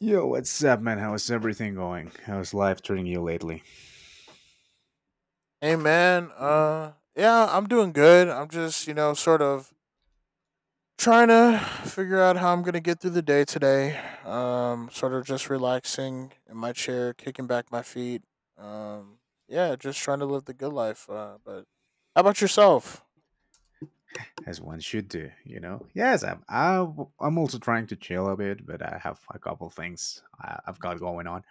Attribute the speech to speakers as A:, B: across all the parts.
A: Yo, what's up, man? How's everything going? How's life treating you lately?
B: Hey man, yeah, I'm doing good. I'm just, you know, sort of trying to figure out how I'm going to get through the day today. Sort of just relaxing in my chair, kicking back my feet. Um yeah, just trying to live the good life. But how about yourself?
A: As one should do, you know. Yes, I'm also trying to chill a bit, but I have a couple things I've got going on.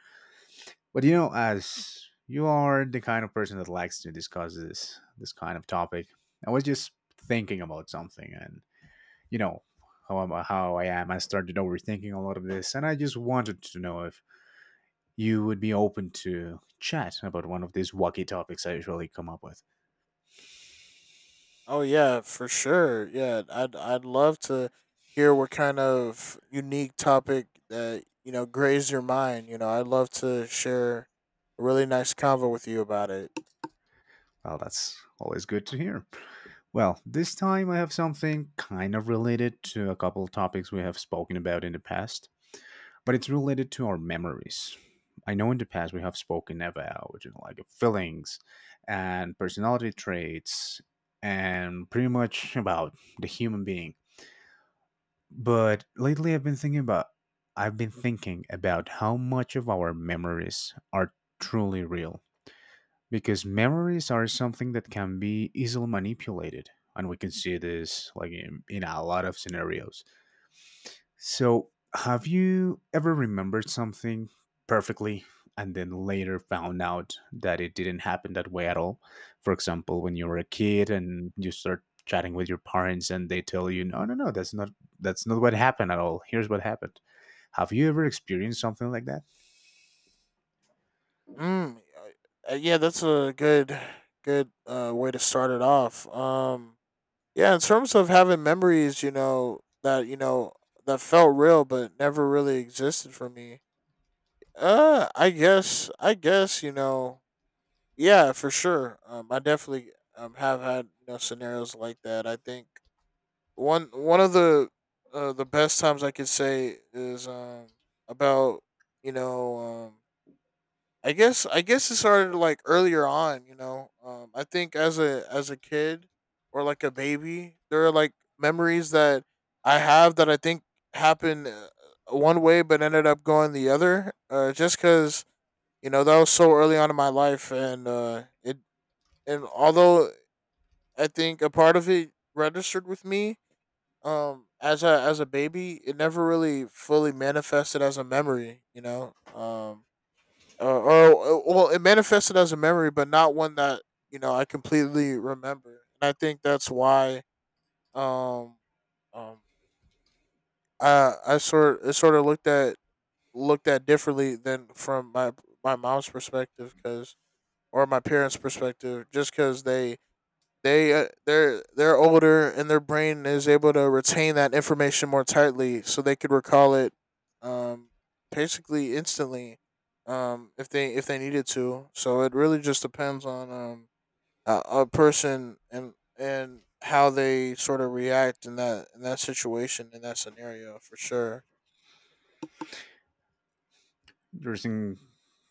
A: But you know, as you are the kind of person that likes to discuss this kind of topic, I was just thinking about something, and you know how I am. I started overthinking a lot of this, and I just wanted to know if you would be open to chat about one of these wacky topics I usually come up with.
B: Oh yeah, for sure. Yeah, I'd love to hear what kind of unique topic that, you know, grazed your mind. You know, I'd love to share a really nice convo with you about it.
A: Well, that's always good to hear. Well, this time I have something kind of related to a couple of topics we have spoken about in the past, but it's related to our memories. I know in the past we have spoken about, like, feelings and personality traits and pretty much about the human being. But lately I've been thinking about how much of our memories are truly real, because memories are something that can be easily manipulated and we can see this, like, in a lot of scenarios. So have you ever remembered something perfectly and then later found out that it didn't happen that way at all? For example, when you were a kid and you start chatting with your parents and they tell you, no, no, no, that's not what happened at all, here's what happened. Have you ever experienced something like that?
B: Yeah, that's a good way to start it off. Yeah, in terms of having memories, you know that felt real but never really existed for me. I guess you know yeah for sure. I definitely have had you know scenarios like that. I think one of the best times I could say is about you know I guess it started like earlier on, you know. I think as a kid or like a baby, there are like memories that I have that I think happened one way but ended up going the other, just because you know that was so early on in my life, and it and although I think a part of it registered with me as a baby, it never really fully manifested as a memory, you know. Or well, it manifested as a memory, but not one that you know I completely remember. And I think that's why um, um, I sort of looked at differently than from my mom's perspective, because or my parents' perspective, just because they're they're older and their brain is able to retain that information more tightly, so they could recall it, um, basically instantly, if they needed to. So it really just depends on a person and how they sort of react in that situation in that scenario for sure.
A: You're seeing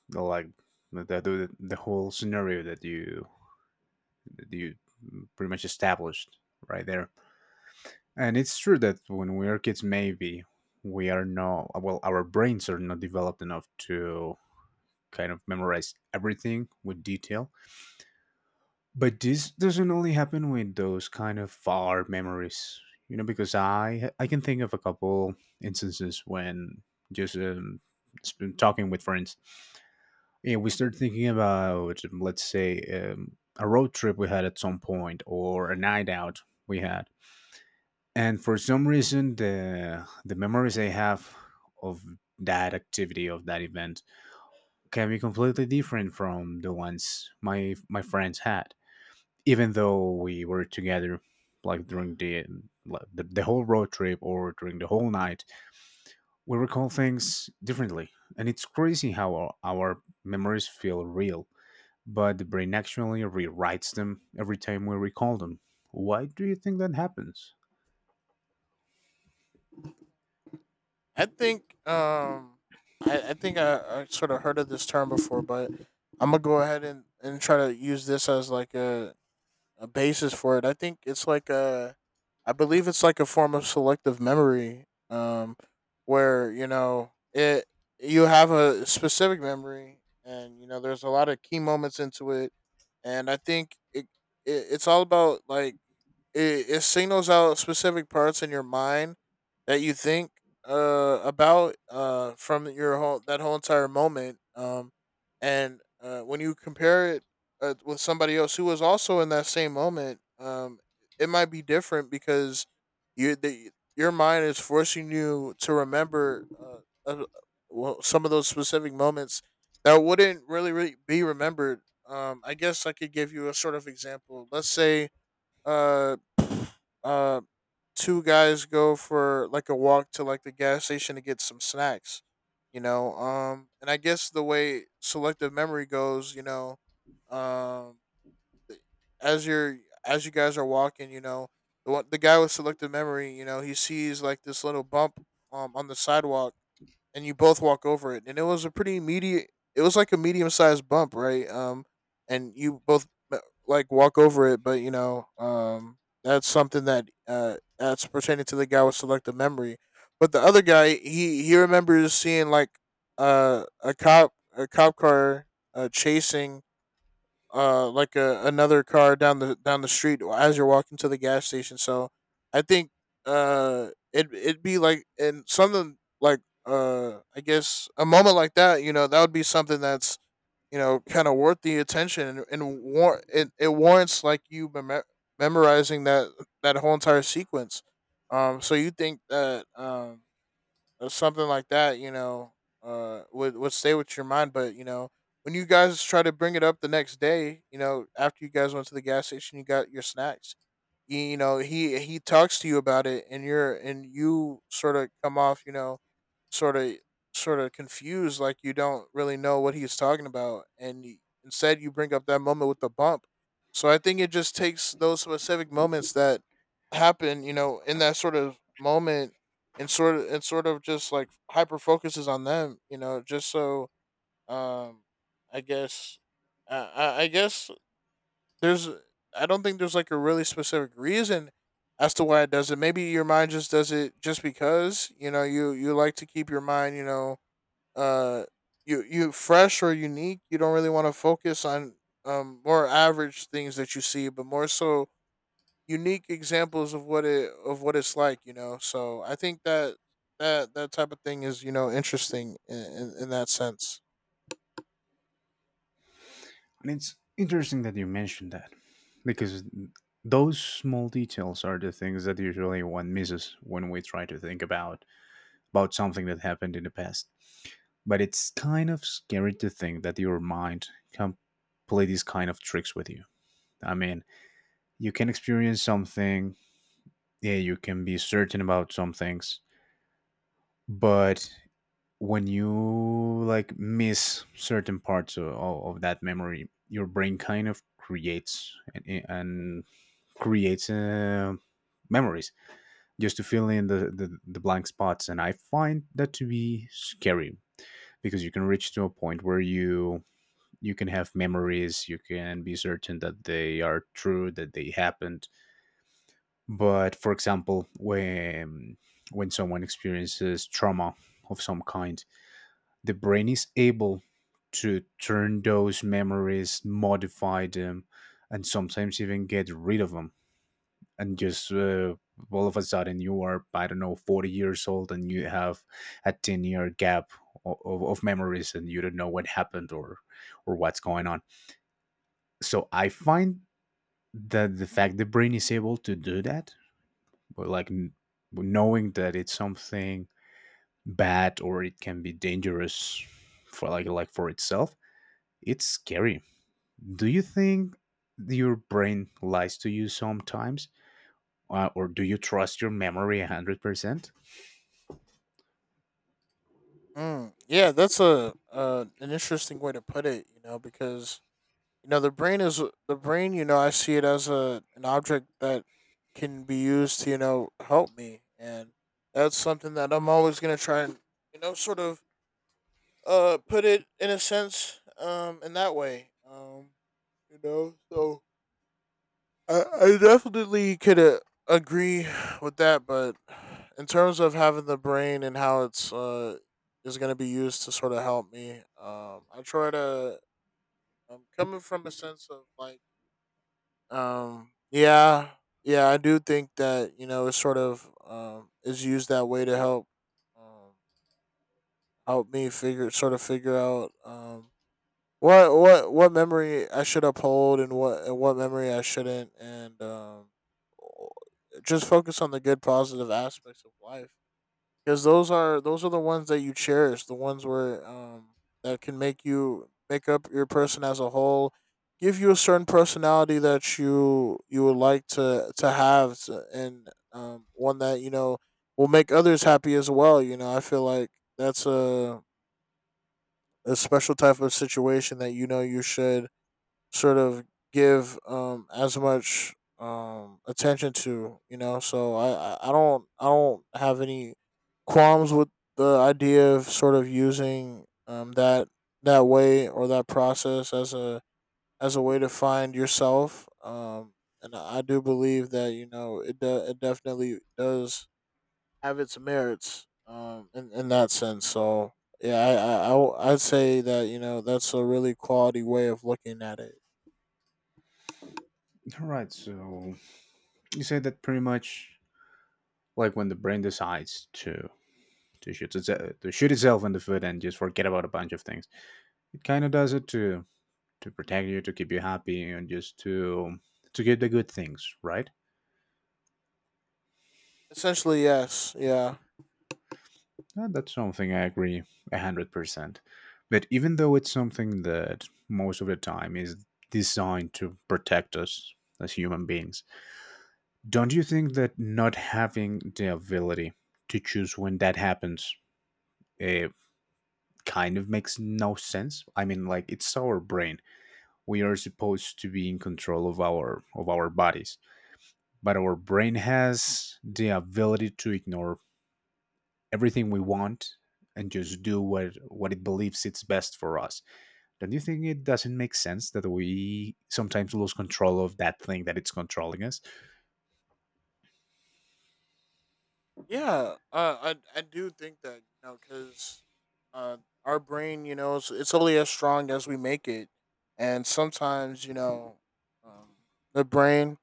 A: the, like, the whole scenario that you pretty much established right there. And it's true that when we are kids, maybe we are not well, our brains are not developed enough to kind of memorize everything with detail. But this doesn't only happen with those kind of far memories, because I can think of a couple instances when, just talking with friends, yeah, we start thinking about, let's say, a road trip we had at some point, or a night out we had, and for some reason the memories I have of that activity, of that event, can be completely different from the ones my friends had, even though we were together, like, during the, like, the whole road trip or during the whole night. We recall things differently, and it's crazy how our memories feel real, but the brain actually rewrites them every time we recall them. Why do you think that happens?
B: I think I think I sort of heard of this term before, but I'm gonna go ahead and try to use this as like a basis for it. I think it's like I believe it's like a form of selective memory, um, where you know it you have a specific memory, and you know there's a lot of key moments into it, and I think it it's all about like it signals out specific parts in your mind that you think about from your whole that whole entire moment and when you compare it with somebody else who was also in that same moment, it might be different because your mind is forcing you to remember well, some of those specific moments that wouldn't really be remembered. I guess I could give you a sort of example. Let's say uh, uh, two guys go for like a walk to like the gas station to get some snacks, you know. And I guess the way selective memory goes, you know, um, as you guys are walking, you know, the guy with selective memory, you know, he sees like this little bump on the sidewalk, and you both walk over it, and it was a pretty immediate. It was like a medium sized bump, right? And you both uh, like walk over it, but you know, that's something that that's pertaining to the guy with selective memory. But the other guy, he remembers seeing like a cop car chasing like another car down the street as you're walking to the gas station. So I think it it'd be like and something like I guess a moment like that, you know, that would be something that's you know kind of worth the attention and it warrants like you memorizing that that whole entire sequence. So you think that or something like that, you know, would stay with your mind. But you know, when you guys try to bring it up the next day, you know, after you guys went to the gas station, you got your snacks you know he talks to you about it and you sort of come off you know sort of sort of confused like you don't really know what he's talking about instead you bring up that moment with the bump. So I think it just takes those specific moments that happen you know in that sort of moment and sort of just like hyper focuses on them you know just so um i guess I guess there's I don't think there's like a really specific reason as to why it does it. Maybe your mind just does it just because you know you like to keep your mind you know uh you fresh or unique. You don't really want to focus on more average things that you see, but more so unique examples of what it of what it's like. You know, so I think that that type of thing is you know interesting in that sense.
A: And it's interesting that you mentioned that, because those small details are the things that usually one misses when we try to think about something that happened in the past. But it's kind of scary to think that your mind can play these kind of tricks with you. I mean, you can experience something, yeah, you can be certain about some things, but when you, like, miss certain parts of that memory, your brain kind of creates and creates memories just to fill in the blank spots. And I find that to be scary, because you can reach to a point where you can have memories, you can be certain that they are true, that they happened. But, for example, when someone experiences trauma of some kind, the brain is able to turn those memories, modify them, and sometimes even get rid of them. And just, all of a sudden, you are, I don't know, 40 years old, and you have a 10-year gap of memories, and you don't know what happened, or what's going on. So I find that the fact the brain is able to do that, but, like, knowing that it's something bad, or it can be dangerous for, like, for itself, it's scary. Do you think your brain lies to you sometimes, or do you trust your memory 100%?
B: Yeah, that's a an interesting way to put it. You know, because you know the brain is the brain. You know, I see it as a an object that can be used to you know help me, and that's something that I'm always gonna try and you know sort of put it in a sense in that way you know so I definitely could agree with that, but in terms of having the brain and how it's is going to be used to sort of help me, I try to. I'm coming from a sense of like, um, yeah, yeah, I do think that you know it sort of is used that way to help um, help me figure sort of figure out what what memory I should uphold and what memory I shouldn't, and just focus on the good positive aspects of life because those are the ones that you cherish, the ones where that can make you make up your person as a whole, give you a certain personality that you would like to have, and one that you know will make others happy as well. You know, I feel like that's a special type of situation that you know you should sort of give as much attention to you know so I don't I don't have any qualms with the idea of sort of using that that way or that process as a way to find yourself and I do believe that you know it definitely does have its merits in that sense. So yeah I, I'd say that you know that's a really quality way of looking at it
A: All right. So you said that, pretty much, like when the brain decides to shoot itself in the foot and just forget about a bunch of things, it kind of does it to protect you, to keep you happy, and just to get the good things, right?
B: essentially yes yeah.
A: That's something I agree 100%. But even though it's something that most of the time is designed to protect us as human beings, don't you think that not having the ability to choose when that happens uh, kind of makes no sense? I mean, like, it's our brain. We are supposed to be in control of our bodies, but our brain has the ability to ignore everything we want and just do what it believes it's best for us. Don't you think it doesn't make sense that we sometimes lose control of that thing that it's controlling us?
B: Yeah, I do think that you know because uh, our brain, you know, it's only as strong as we make it, and sometimes you know, um, the brain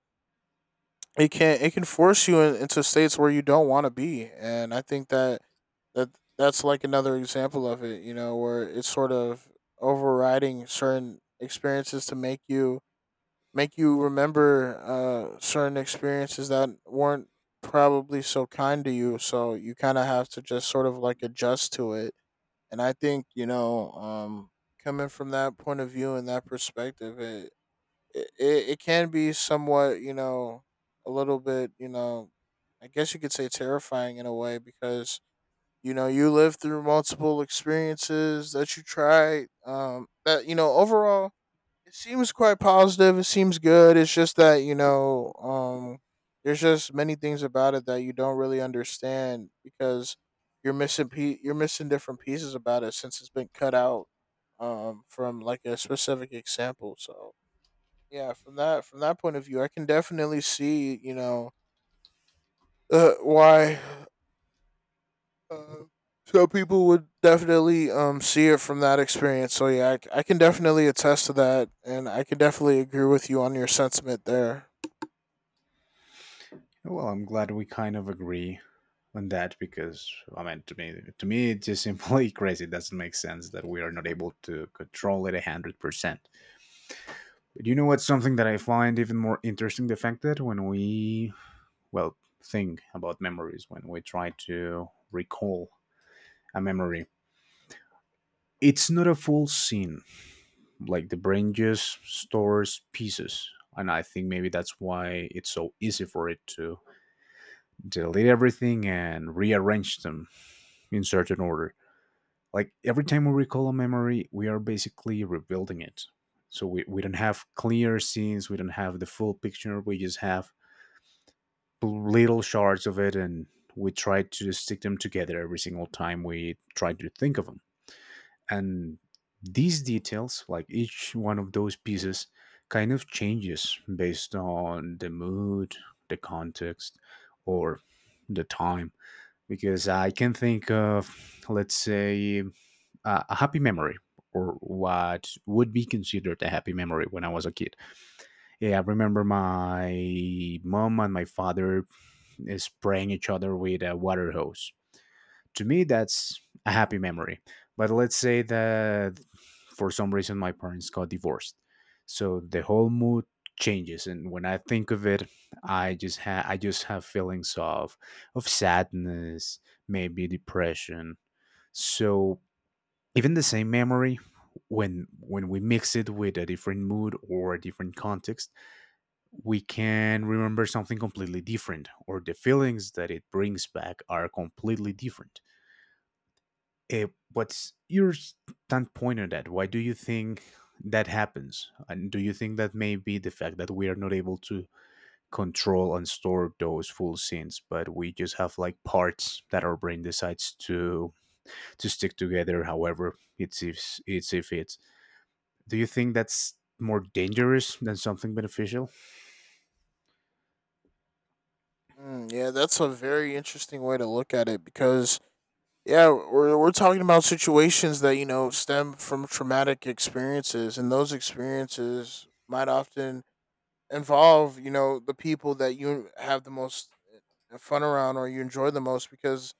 B: it can force you into states where you don't want to be, and I think that that that's like another example of it, you know, where it's sort of overriding certain experiences to make you remember certain experiences that weren't probably so kind to you. So you kind of have to just sort of like adjust to it. And I think you know, coming from that point of view and that perspective, it it can be somewhat you know a little bit you know, I guess you could say terrifying in a way because you know you live through multiple experiences that you try that you know overall it seems quite positive. It seems good. It's just that you know, there's just many things about it that you don't really understand because you're missing different pieces about it since it's been cut out from like a specific example. So yeah, from that point of view, I can definitely see you know why uh, so people would definitely see it from that experience. So yeah, I can definitely attest to that, and I can definitely agree with you on your sentiment there.
A: Well, I'm glad we kind of agree on that, because, I mean, to me, it's just simply crazy. It doesn't make sense that we are not able to control it 100%. But you know what's something that I find even more interesting? The fact that when we, well, think about memories, when we try to recall a memory, it's not a full scene. Like, the brain just stores pieces. And I think maybe that's why it's so easy for it to delete everything and rearrange them in certain order. Like, every time we recall a memory, we are basically rebuilding it. So we don't have clear scenes, we don't have the full picture, we just have little shards of it, and we try to stick them together every single time we try to think of them. And these details, like each one of those pieces, kind of changes based on the mood, the context, or the time. Because I can think of, let's say, a happy memory, or what would be considered a happy memory when I was a kid. Yeah, I remember my mom and my father, spraying each other with a water hose. To me, that's a happy memory. But let's say that for some reason my parents got divorced. So the whole mood changes, and when I think of it, I just have feelings of sadness, maybe depression. So even the same memory, when we mix it with a different mood or a different context, we can remember something completely different, or the feelings that it brings back are completely different. Eh, what's your standpoint on that? Why do you think that happens, and do you think that may be the fact that we are not able to control and store those full scenes, but we just have, like, parts that our brain decides to stick together, however it's if it do you think that's more dangerous than something beneficial?
B: Mm, yeah, that's a very interesting way to look at it because yeah, we're talking about situations that you know stem from traumatic experiences, and those experiences might often involve you know the people that you have the most fun around or you enjoy the most because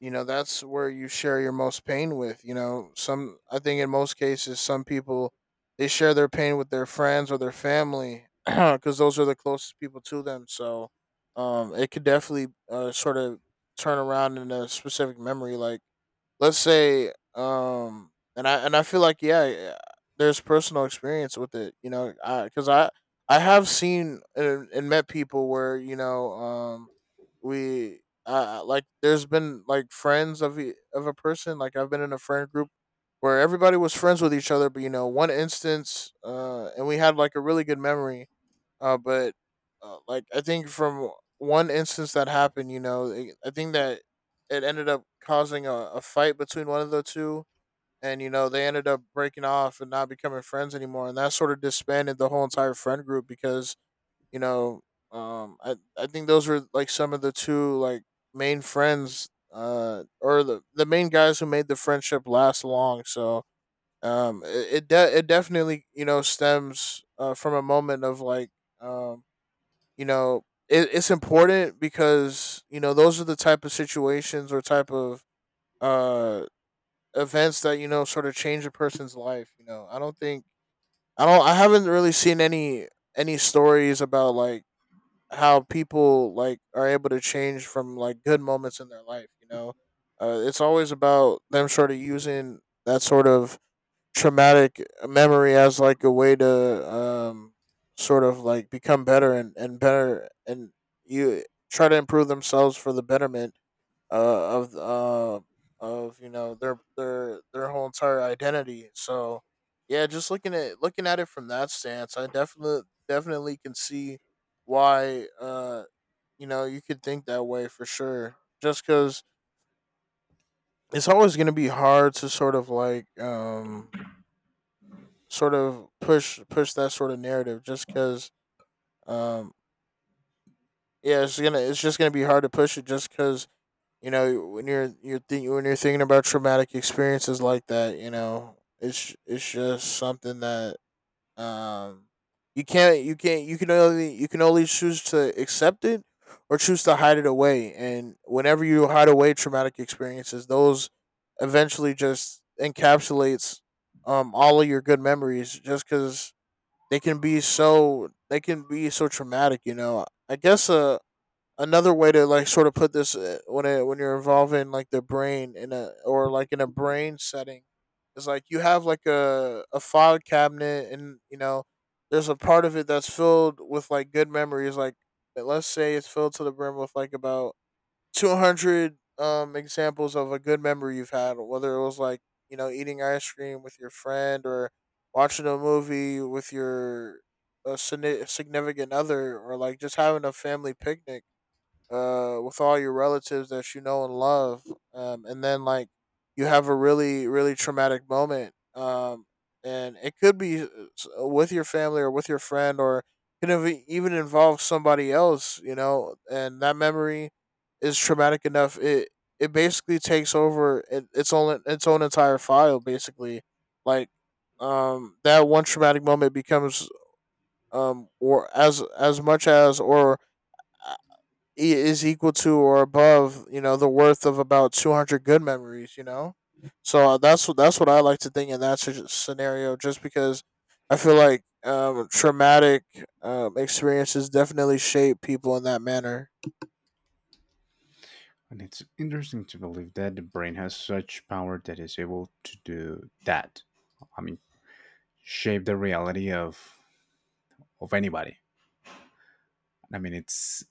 B: you know that's where you share your most pain with you know some I think in most cases some people they share their pain with their friends or their family because those are the closest people to them. So it could definitely sort of turn around in a specific memory, like let's say. And I feel like there's personal experience with it, you know, because I have seen and met people where you know we like there's been like friends of of a person. Like I've been in a friend group where everybody was friends with each other, but you know one instance, and we had like a really good memory, but like I think from one instance that happened, you know, I think that it ended up causing a fight between one of the two, and you know they ended up breaking off and not becoming friends anymore, and that sort of disbanded the whole entire friend group because you know, I think those were like some of the two like main friends, or the main guys who made the friendship last long. So it definitely you know stems from a moment of like um you know it's important because you know those are the type of situations or type of uh events that you know sort of change a person's life. You know, I don't think I don't I haven't really seen any stories about like how people like are able to change from like good moments in their life, you know. It's always about them sort of using that sort of traumatic memory as like a way to sort of like become better and better and you try to improve themselves for the betterment uh, of uh, of you know their whole entire identity. So yeah, just looking at it from that stance, I definitely can see why you know you could think that way for sure, just because it's always going to be hard to sort of like sort of push that sort of narrative, just because um yeah it's just gonna be hard to push it, just because you know when you're think when you're thinking about traumatic experiences like that, you know it's just something that um you can't you can only choose to accept it, or choose to hide it away. And whenever you hide away traumatic experiences, those eventually just encapsulates all of your good memories, just because they can be so traumatic, you know. I guess another way to like sort of put this, when it when you're involving like the brain in a, or like in a brain setting, is like you have like a file cabinet. And you know there's a part of it that's filled with like good memories, like let's say it's filled to the brim with like about 200 examples of a good memory you've had, whether it was like you know eating ice cream with your friend, or watching a movie with your a significant other, or like just having a family picnic with all your relatives that you know and love, and then like you have a really really traumatic moment, and it could be with your family or with your friend, or could have even involve somebody else, you know. And that memory is traumatic enough. It basically takes over its own entire file, basically. Like that one traumatic moment becomes or as much as, or is equal to or above, you know, the worth of about 200 good memories, you know? So that's what I like to think in that scenario, just because I feel like traumatic experiences definitely shape people in that manner.
A: And it's interesting to believe that the brain has such power that it's able to do that. I mean, shape the reality of anybody. I mean, it's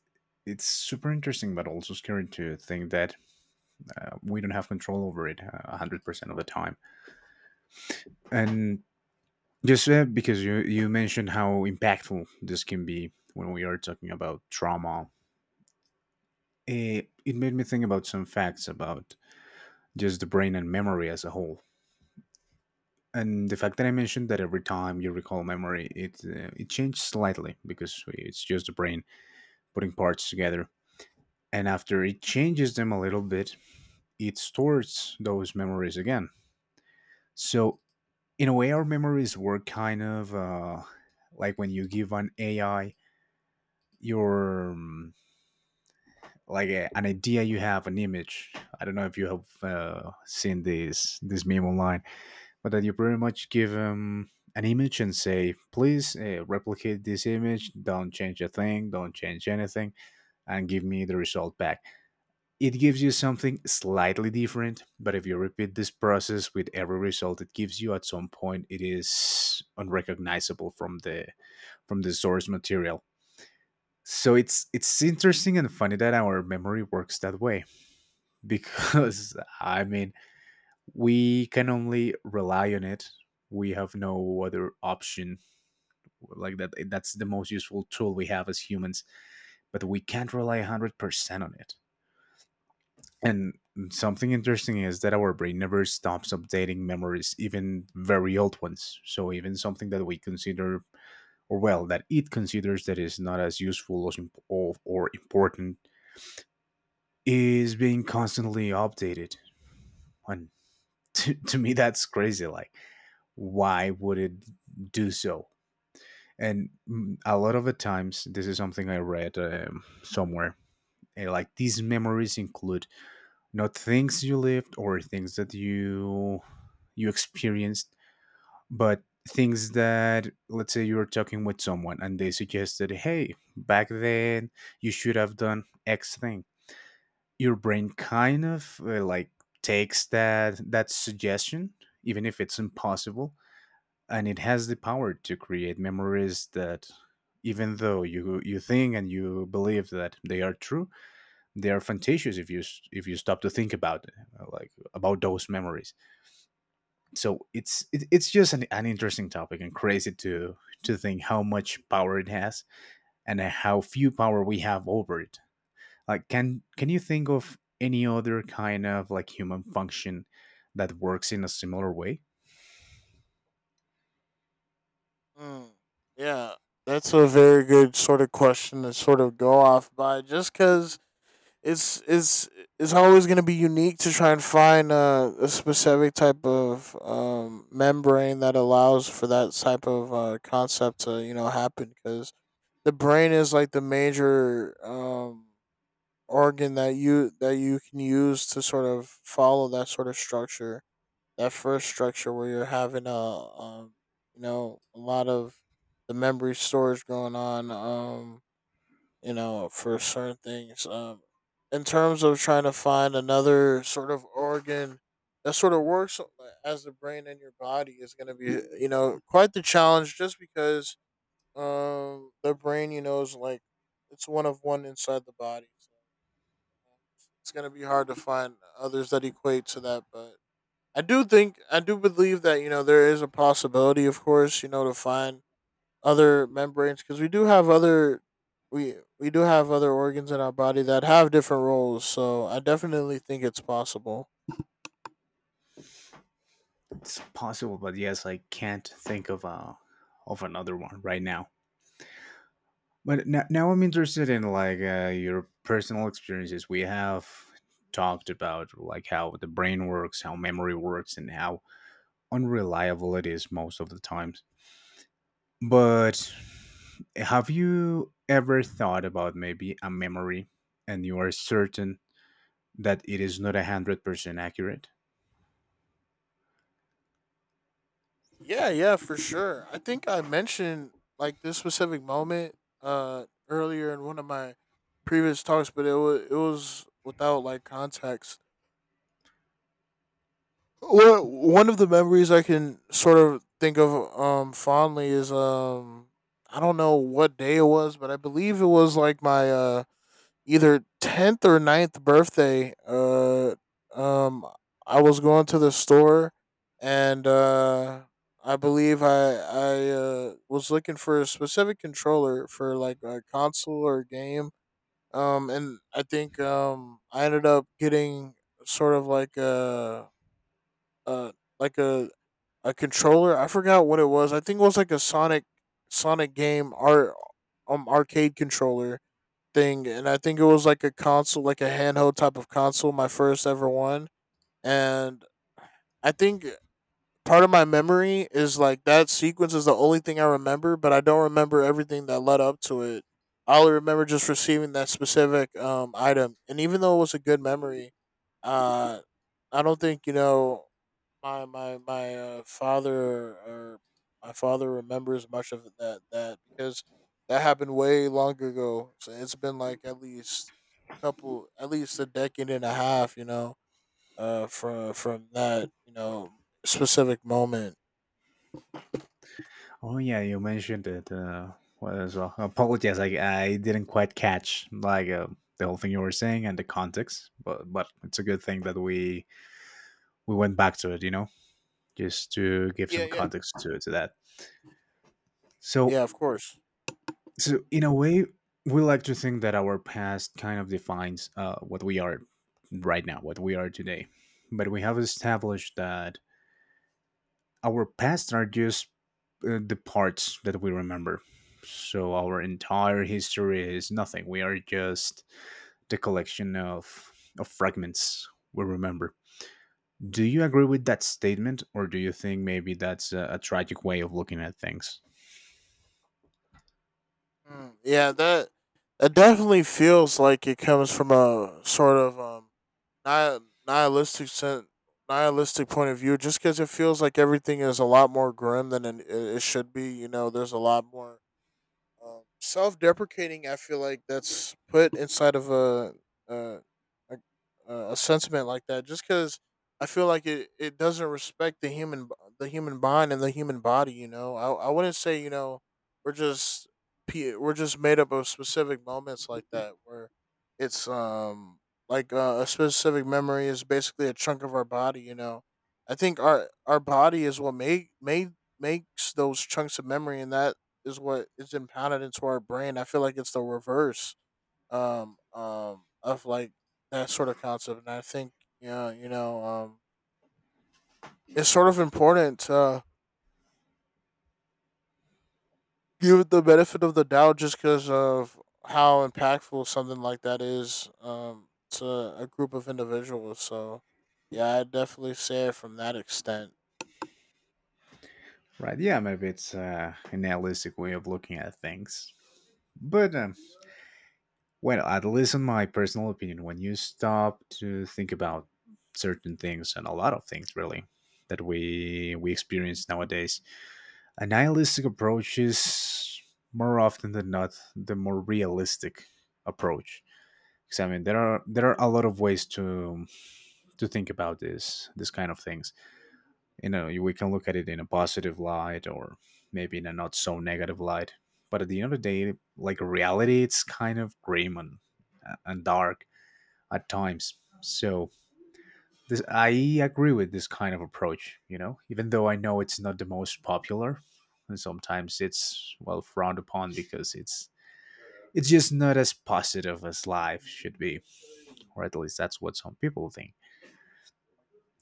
A: it's super interesting, but also scary to think that, we don't have control over it, 100% of the time. And just, because you mentioned how impactful this can be when we are talking about trauma, it made me think about some facts about just the brain and memory as a whole. And the fact that I mentioned, that every time you recall memory, it changes slightly, because it's just the brain putting parts together. And after it changes them a little bit, it stores those memories again. So, in a way, our memories work kind of like when you give an AI your, like, an idea you have, an image. I don't know if you have seen this meme online, but that you pretty much give them an image and say, please, replicate this image, don't change a thing, don't change anything, and give me the result back. It gives you something slightly different, but if you repeat this process with every result it gives you, at some point it is unrecognizable from the source material. So it's interesting and funny that our memory works that way because we can only rely on it. We have no other option. That's the most useful tool we have as humans, but we can't rely 100% on it. And something interesting is that our brain never stops updating memories, even very old ones. So even something that we consider, or well, that it considers, that is not as useful or important, is being constantly updated. And to me that's crazy. Why would it do so? And a lot of the times, this is something I read somewhere. Like, these memories include not things you lived or things that you experienced, but things that, let's say, you were talking with someone and they suggested, hey, back then you should have done x thing. Your brain kind of like takes that suggestion, even if it's impossible, and it has the power to create memories that, even though you think and you believe that they are true, they are fantasious if you if you stop to think about it, like, about those memories. So it's it's just an interesting topic, and crazy to think how much power it has and how few power we have over it. Like, can you think of any other kind of like human function that works in a similar way?
B: Mm, yeah, that's a very good sort of question to sort of go off by, just because it's it's it's always going to be unique to try and find a specific type of membrane that allows for that type of concept to you know happen, because the brain is like the major organ that you can use to sort of follow that sort of structure, that first structure, where you're having you know a lot of the memory storage going on, you know, for certain things. In terms of trying to find another sort of organ that sort of works as the brain in your body is going to be, you know, quite the challenge, just because the brain, you know, is like it's one of one inside the body. So um, it's going to be hard to find others that equate to that. But I do think, I do believe that, you know, there is a possibility, of course, you know, to find other membranes, because we do have other we do have other organs in our body that have different roles, so I definitely think it's possible.
A: It's possible, but yes, I can't think of a of another one right now. But now, now I'm interested in like your personal experiences. We have talked about like how the brain works, how memory works, and how unreliable it is most of the times. But have you ever thought about maybe a memory and you are certain that it is not 100% accurate?
B: Yeah, yeah, for sure. I mentioned like this specific moment earlier in one of my previous talks, but it was without like context. Well, one of the memories I can sort of think of fondly is I don't know what day it was, but I believe it was like my either 10th or ninth birthday. Um I was going to the store, and I believe I was looking for a specific controller for like a console or a game. Um and i think um i ended up getting sort of like a like a a controller. I forgot what it was. I think it was like a sonic game art arcade controller thing. And I think it was like a console, like a handheld type of console, my first ever one. And I think part of my memory is like that sequence is the only thing I remember, but I don't remember everything that led up to it. I only remember just receiving that specific item. And even though it was a good memory, uh, I don't think you know my my my uh, father or my father remembers much of that, because that happened way long ago. So it's been like at least a couple, at least a decade and a half. You know, from that you know specific moment.
A: Oh yeah, you mentioned it. What as well? Apologies, I didn't quite catch like the whole thing you were saying and the context. But it's a good thing that we went back to it. You know, just to give
B: Yeah,
A: some
B: yeah,
A: context to that. So
B: yeah. Of course.
A: So, in a way, we like to think that our past kind of defines what we are right now, what we are today. But we have established that our past are just the parts that we remember. So, our entire history is nothing. We are just the collection of fragments we remember. Do you agree with that statement, or do you think maybe that's a tragic way of looking at things?
B: Mm, yeah, that definitely feels like it comes from a sort of ni- nihilistic sen- nihilistic point of view. Just because it feels like everything is a lot more grim than it it should be. You know, there's a lot more self-deprecating, I feel like that's put inside of a a sentiment like that, just because I feel like it doesn't respect the human the human mind and the human body. You know, I wouldn't say you know we're just we're just made up of specific moments like that, where it's like a specific memory is basically a chunk of our body. You know, I think our body is what make made makes those chunks of memory, and that is what is impounded into our brain. I feel like it's the reverse of like that sort of concept. And I think yeah, you know, it's sort of important to give it the benefit of the doubt, just because of how impactful something like that is to a group of individuals. So yeah, I definitely say it from that extent.
A: Right. Yeah, maybe it's an idealistic way of looking at things. But, well, at least in my personal opinion, when you stop to think about certain things and a lot of things, really, that we experience nowadays, a nihilistic approach is more often than not the more realistic approach. Because I mean, there are a lot of ways to think about this kind of things. You know, we can look at it in a positive light, or maybe in a not so negative light, but at the end of the day, like, reality, it's kind of grim and dark at times. So this, I agree with this kind of approach, you know, even though I know it's not the most popular, and sometimes it's, well, frowned upon because it's just not as positive as life should be, or at least that's what some people think.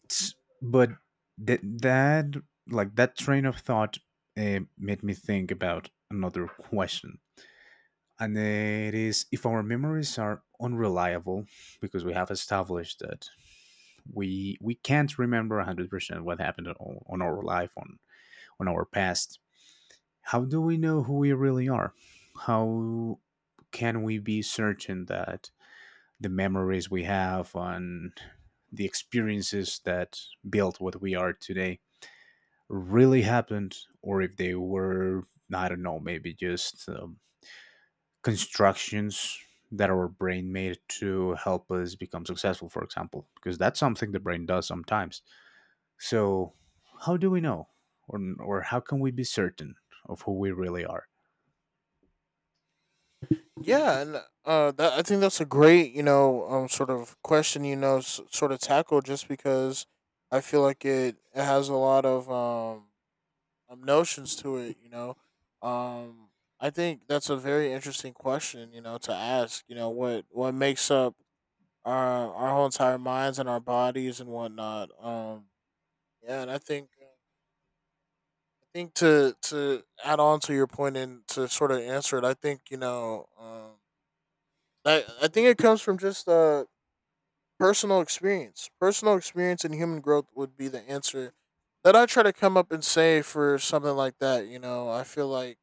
A: S- But that that like that train of thought made me think about another question, and it is, if our memories are unreliable, because we have established that we can't remember 100% what happened on our life on our past, how do we know who we really are? How can we be certain that the memories we have and the experiences that built what we are today really happened, or if they were, I don't know, maybe just constructions that our brain made to help us become successful, for example, because that's something the brain does sometimes. So how do we know, or how can we be certain of who we really are?
B: Yeah, and I think that's a great, you know, sort of question, you know, sort of tackle, just because I feel like it has a lot of notions to it, you know. Um, I think that's a very interesting question, you know, to ask, you know, what makes up our whole entire minds and our bodies and whatnot. Yeah, and I think to add on to your point and to sort of answer it, I think you know. I think it comes from just Personal experience. Personal experience and human growth would be the answer that I try to come up and say for something like that. You know, I feel like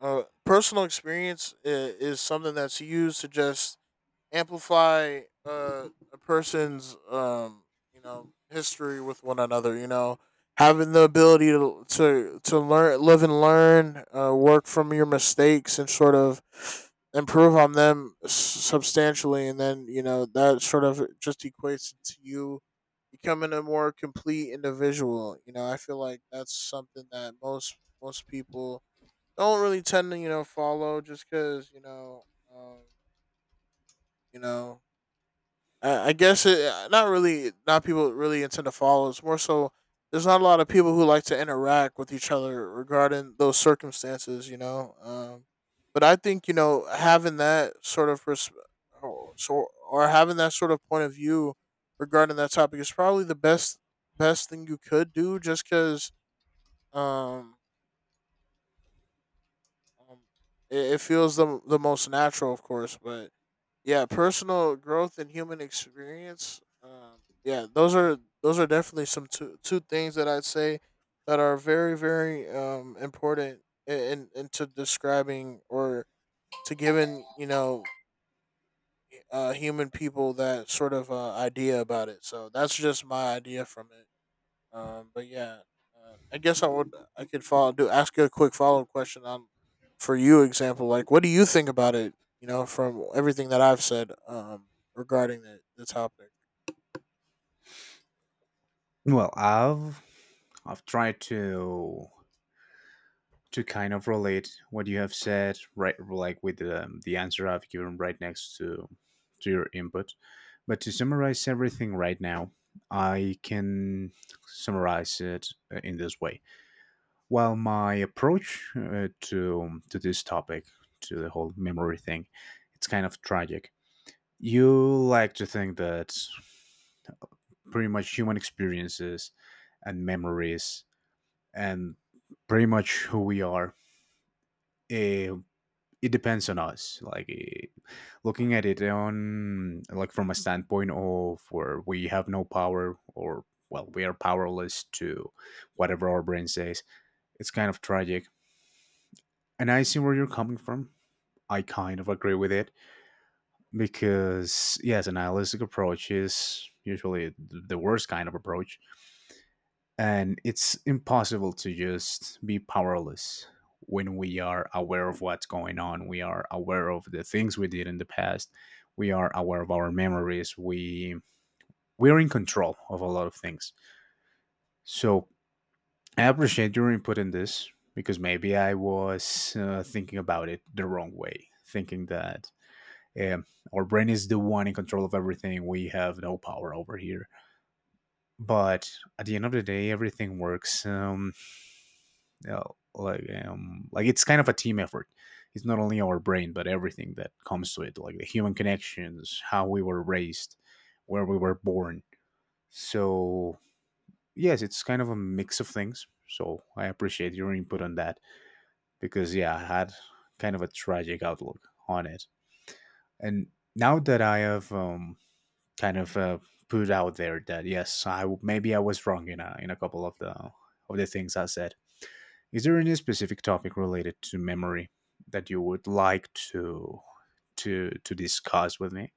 B: personal experience is something that's used to just amplify a person's you know history with one another. You know, having the ability to to learn, live and learn, work from your mistakes, and sort of improve on them substantially, and then you know that sort of just equates to you becoming a more complete individual. You know, I feel like that's something that most people don't really tend to you know follow just because um, you know I guess it not really not people really intend to follow. It's more so there's not a lot of people who like to interact with each other regarding those circumstances, you know. But I think you know having that sort of pers- or, so or having that sort of point of view regarding that topic is probably the best thing you could do, just because um, um, it feels the most natural, of course, but yeah, personal growth and human experience, yeah, those are definitely some two things that I'd say that are very important in into describing or to giving you know human people that sort of idea about it, so that's just my idea from it. But yeah, I guess I would I could follow do ask you a quick follow up question on for you example, like what do you think about it? You know, from everything that I've said, regarding the topic.
A: Well, I've tried to kind of relate what you have said, right, like with the answer I've given right next to your input. But to summarize everything right now, I can summarize it in this way. While my approach to this topic, to the whole memory thing, it's kind of tragic. You like to think that pretty much human experiences and memories and pretty much who we are, eh, it depends on us, like, looking at it on like from a standpoint of where we have no power, or well, we are powerless to whatever our brain says. It's kind of tragic, and I see where you're coming from. I kind of agree with it, because yes, an nihilistic approach is usually the worst kind of approach. And it's impossible to just be powerless when we are aware of what's going on. We are aware of the things we did in the past. We are aware of our memories. We we're in control of a lot of things. So I appreciate your input in this, because maybe I was thinking about it the wrong way, thinking that um, our brain is the one in control of everything. We have no power over here. But at the end of the day, everything works uh, like it's kind of a team effort. It's not only our brain, but everything that comes to it, like the human connections, how we were raised, where we were born. So yes, it's kind of a mix of things. So I appreciate your input on that, because yeah, I had kind of a tragic outlook on it. And now that I have kind of put out there that yes, I, maybe I was wrong in a couple of the things I said. Is there any specific topic related to memory that you would like to to discuss with me?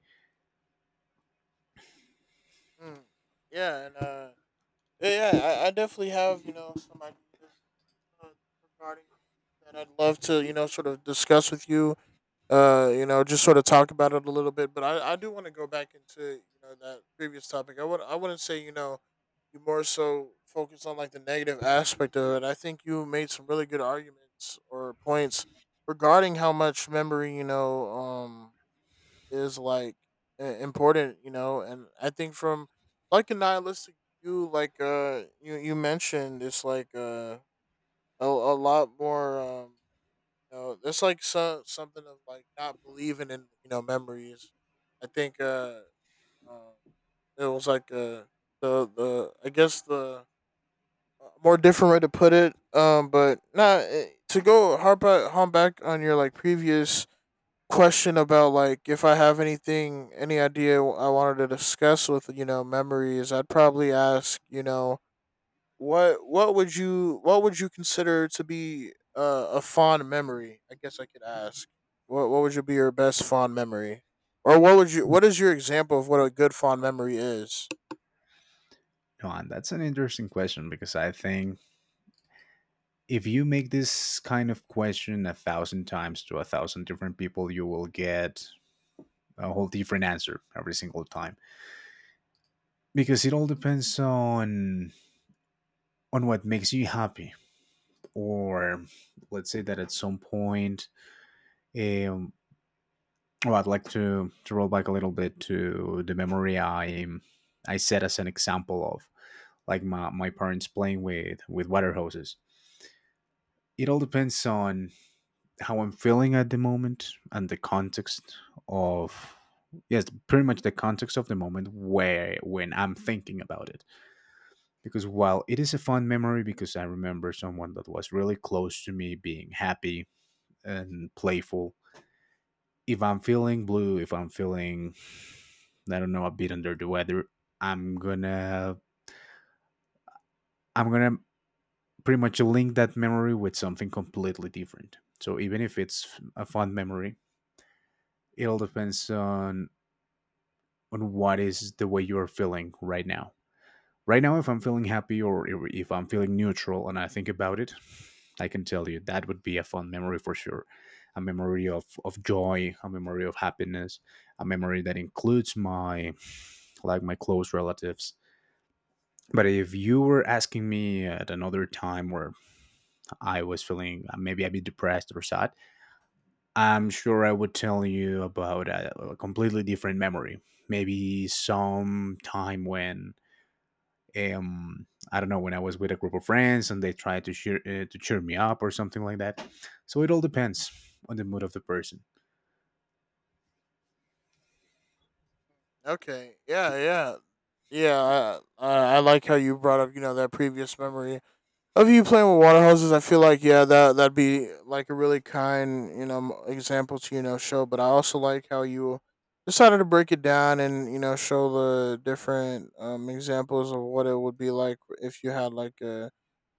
B: Mm, yeah, and yeah, yeah, I definitely have you know some ideas, uh, regarding that I'd love to you know sort of discuss with you, you know, just sort of talk about it a little bit. But I do want to go back into you know that previous topic. I wouldn't say you know you more so focus on like the negative aspect of it. I think you made some really good arguments or points regarding how much memory you know is like important. You know, and I think from like a nihilistic view, like you mentioned, it's like a lot more. You know, that's like something of like not believing in you know memories. I think um it was like the I guess the more different way to put it. To go harp home back on your like previous question about like if I have any idea I wanted to discuss with you know memories, I'd probably ask you know what would you consider to be a fond memory? I guess I could ask. What would you be your best fond memory, or what would you what is your example of what a good fond memory is?
A: No, and that's an interesting question, because I think if you make this kind of question a thousand times to a thousand different people, you will get a whole different answer every single time, because it all depends on what makes you happy. Or, let's say that at some point, um, well, I'd like to roll back a little bit to the memory I set as an example of like my parents playing with water hoses. It all depends on how I'm feeling at the moment and the context of, yes, pretty much the context of the moment where when I'm thinking about it. Because while it is a fun memory, because I remember someone that was really close to me being happy and playful, if I'm feeling blue, if I'm feeling, I don't know, a bit under the weather, I'm gonna I'm gonna pretty much link that memory with something completely different. So even if it's a fond memory, it all depends on what is the way you are feeling right now. Right now, if I'm feeling happy, or if I'm feeling neutral and I think about it, I can tell you that would be a fond memory for sure. A memory of joy, a memory of happiness, a memory that includes my like my close relatives. But if you were asking me at another time where I was feeling maybe a bit depressed or sad, I'm sure I would tell you about a completely different memory. Maybe some time when I don't know, when I was with a group of friends and they tried to cheer me up or something like that. So it all depends on the mood of the person,
B: Okay, yeah. I like how you brought up you know that previous memory of you playing with water hoses. I feel like yeah, that that'd be like a really kind you know example to you know show. But I also like how you decided to break it down and you know show the different examples of what it would be like if you had like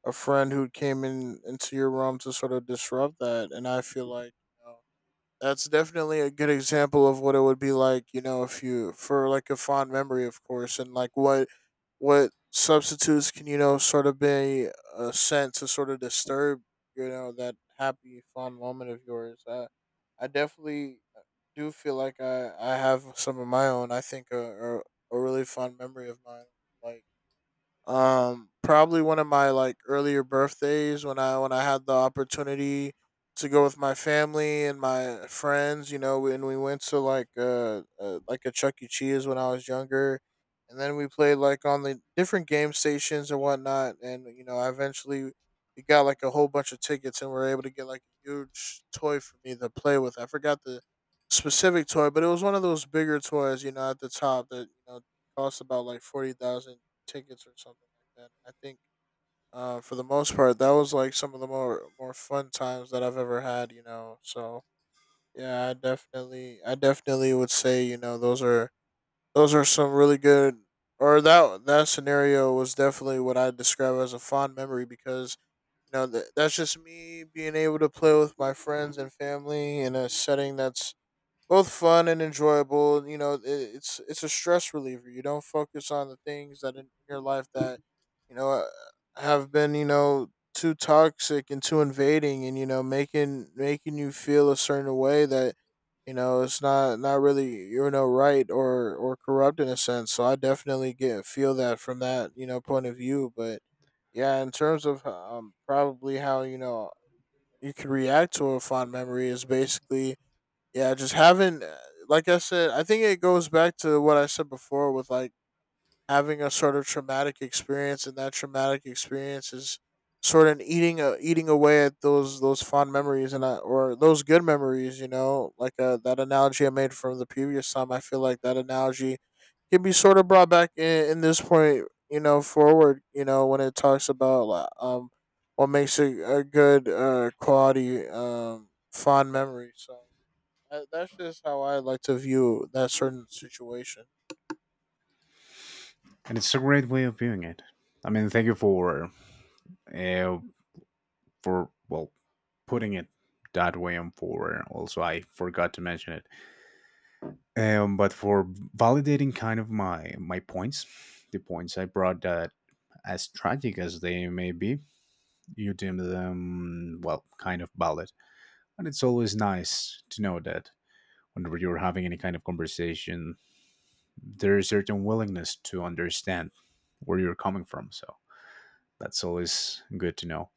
B: a friend who came in into your room to sort of disrupt that. And I feel like you know, that's definitely a good example of what it would be like, you know, if you for like a fond memory, of course, and like what substitutes can you know sort of be sent to sort of disturb you know that happy fond moment of yours. I definitely do feel like I have some of my own. I think a really fond memory of mine, like probably one of my like earlier birthdays when I had the opportunity to go with my family and my friends, you know, and we went to like a Chuck E. Cheese when I was younger, and then we played like on the different game stations and whatnot, and you know I eventually, we got like a whole bunch of tickets and we are able to get like a huge toy for me to play with. I forgot the specific toy, but it was one of those bigger toys, you know, at the top that you know cost about like 40,000 tickets or something like that. And I think for the most part, that was like some of the more fun times that I've ever had. You know, so yeah, I definitely would say you know those are some really good, or that that scenario was definitely what I describe as a fond memory because you know that's just me being able to play with my friends and family in a setting that's both fun and enjoyable. You know, it's a stress reliever. You don't focus on the things that in your life that you know have been you know too toxic and too invading, and you know making you feel a certain way that you know it's not really you know right or corrupt in a sense. So I definitely get feel that from that you know point of view, but. Yeah, in terms of probably how you know you can react to a fond memory is basically yeah, just having, like I said, I think it goes back to what I said before with like having a sort of traumatic experience, and that traumatic experience is sort of eating eating away at those fond memories and or those good memories. You know, like that analogy I made from the previous time. I feel like that analogy can be sort of brought back in this point. You know, forward. You know, when it talks about like, what makes a good quality fond memory. So. That's just how I like to view that certain situation.
A: and it's a great way of viewing it. I mean, thank you for uh, for, well, putting it that way on. For also, I forgot to mention it, but for validating kind of my my points, the points I brought, that as tragic as they may be, you deem them, well, kind of valid. And it's always nice to know that whenever you're having any kind of conversation, there is certain willingness to understand where you're coming from. So that's always good to know.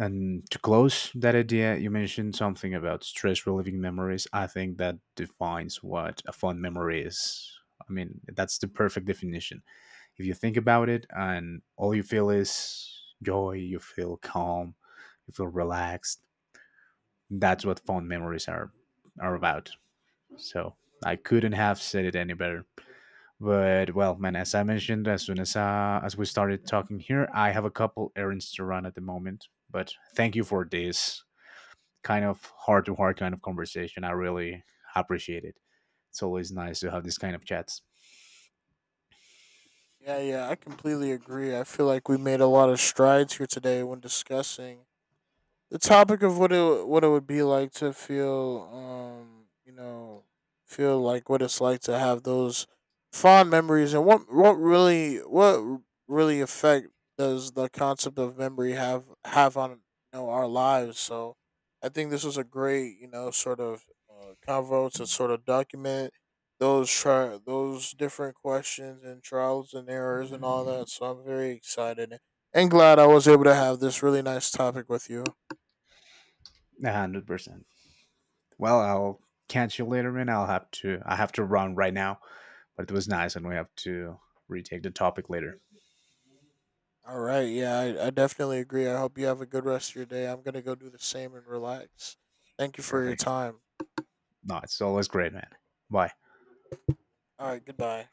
A: And to close that idea, you mentioned something about stress relieving memories. I think that defines what a fond memory is. I mean, that's the perfect definition. If you think about it and all you feel is joy, you feel calm, you feel relaxed. That's what fond memories are about. So I couldn't have said it any better. But well, man, as I mentioned, as soon as we started talking here, I have a couple errands to run at the moment. But thank you for this kind of heart to heart kind of conversation. I really appreciate it. It's always nice to have this kind of chats.
B: Yeah, yeah, I completely agree. I feel like we made a lot of strides here today when discussing the topic of what it would be like to feel you know feel like what it's like to have those fond memories, and what really effect does the concept of memory have on you know our lives. So I think this was a great you know sort of convo to sort of document those different questions and trials and errors and all that, so I'm very excited and glad I was able to have this really nice topic with you.
A: 100%. Well, I'll catch you later, and I'll have to. I have to run right now, but it was nice, and we have to retake the topic later.
B: All right. Yeah, I definitely agree. I hope you have a good rest of your day. I'm going to go do the same and relax. Thank you for your
A: Perfect.
B: time.
A: No, it's always great, man. Bye.
B: All right. Goodbye.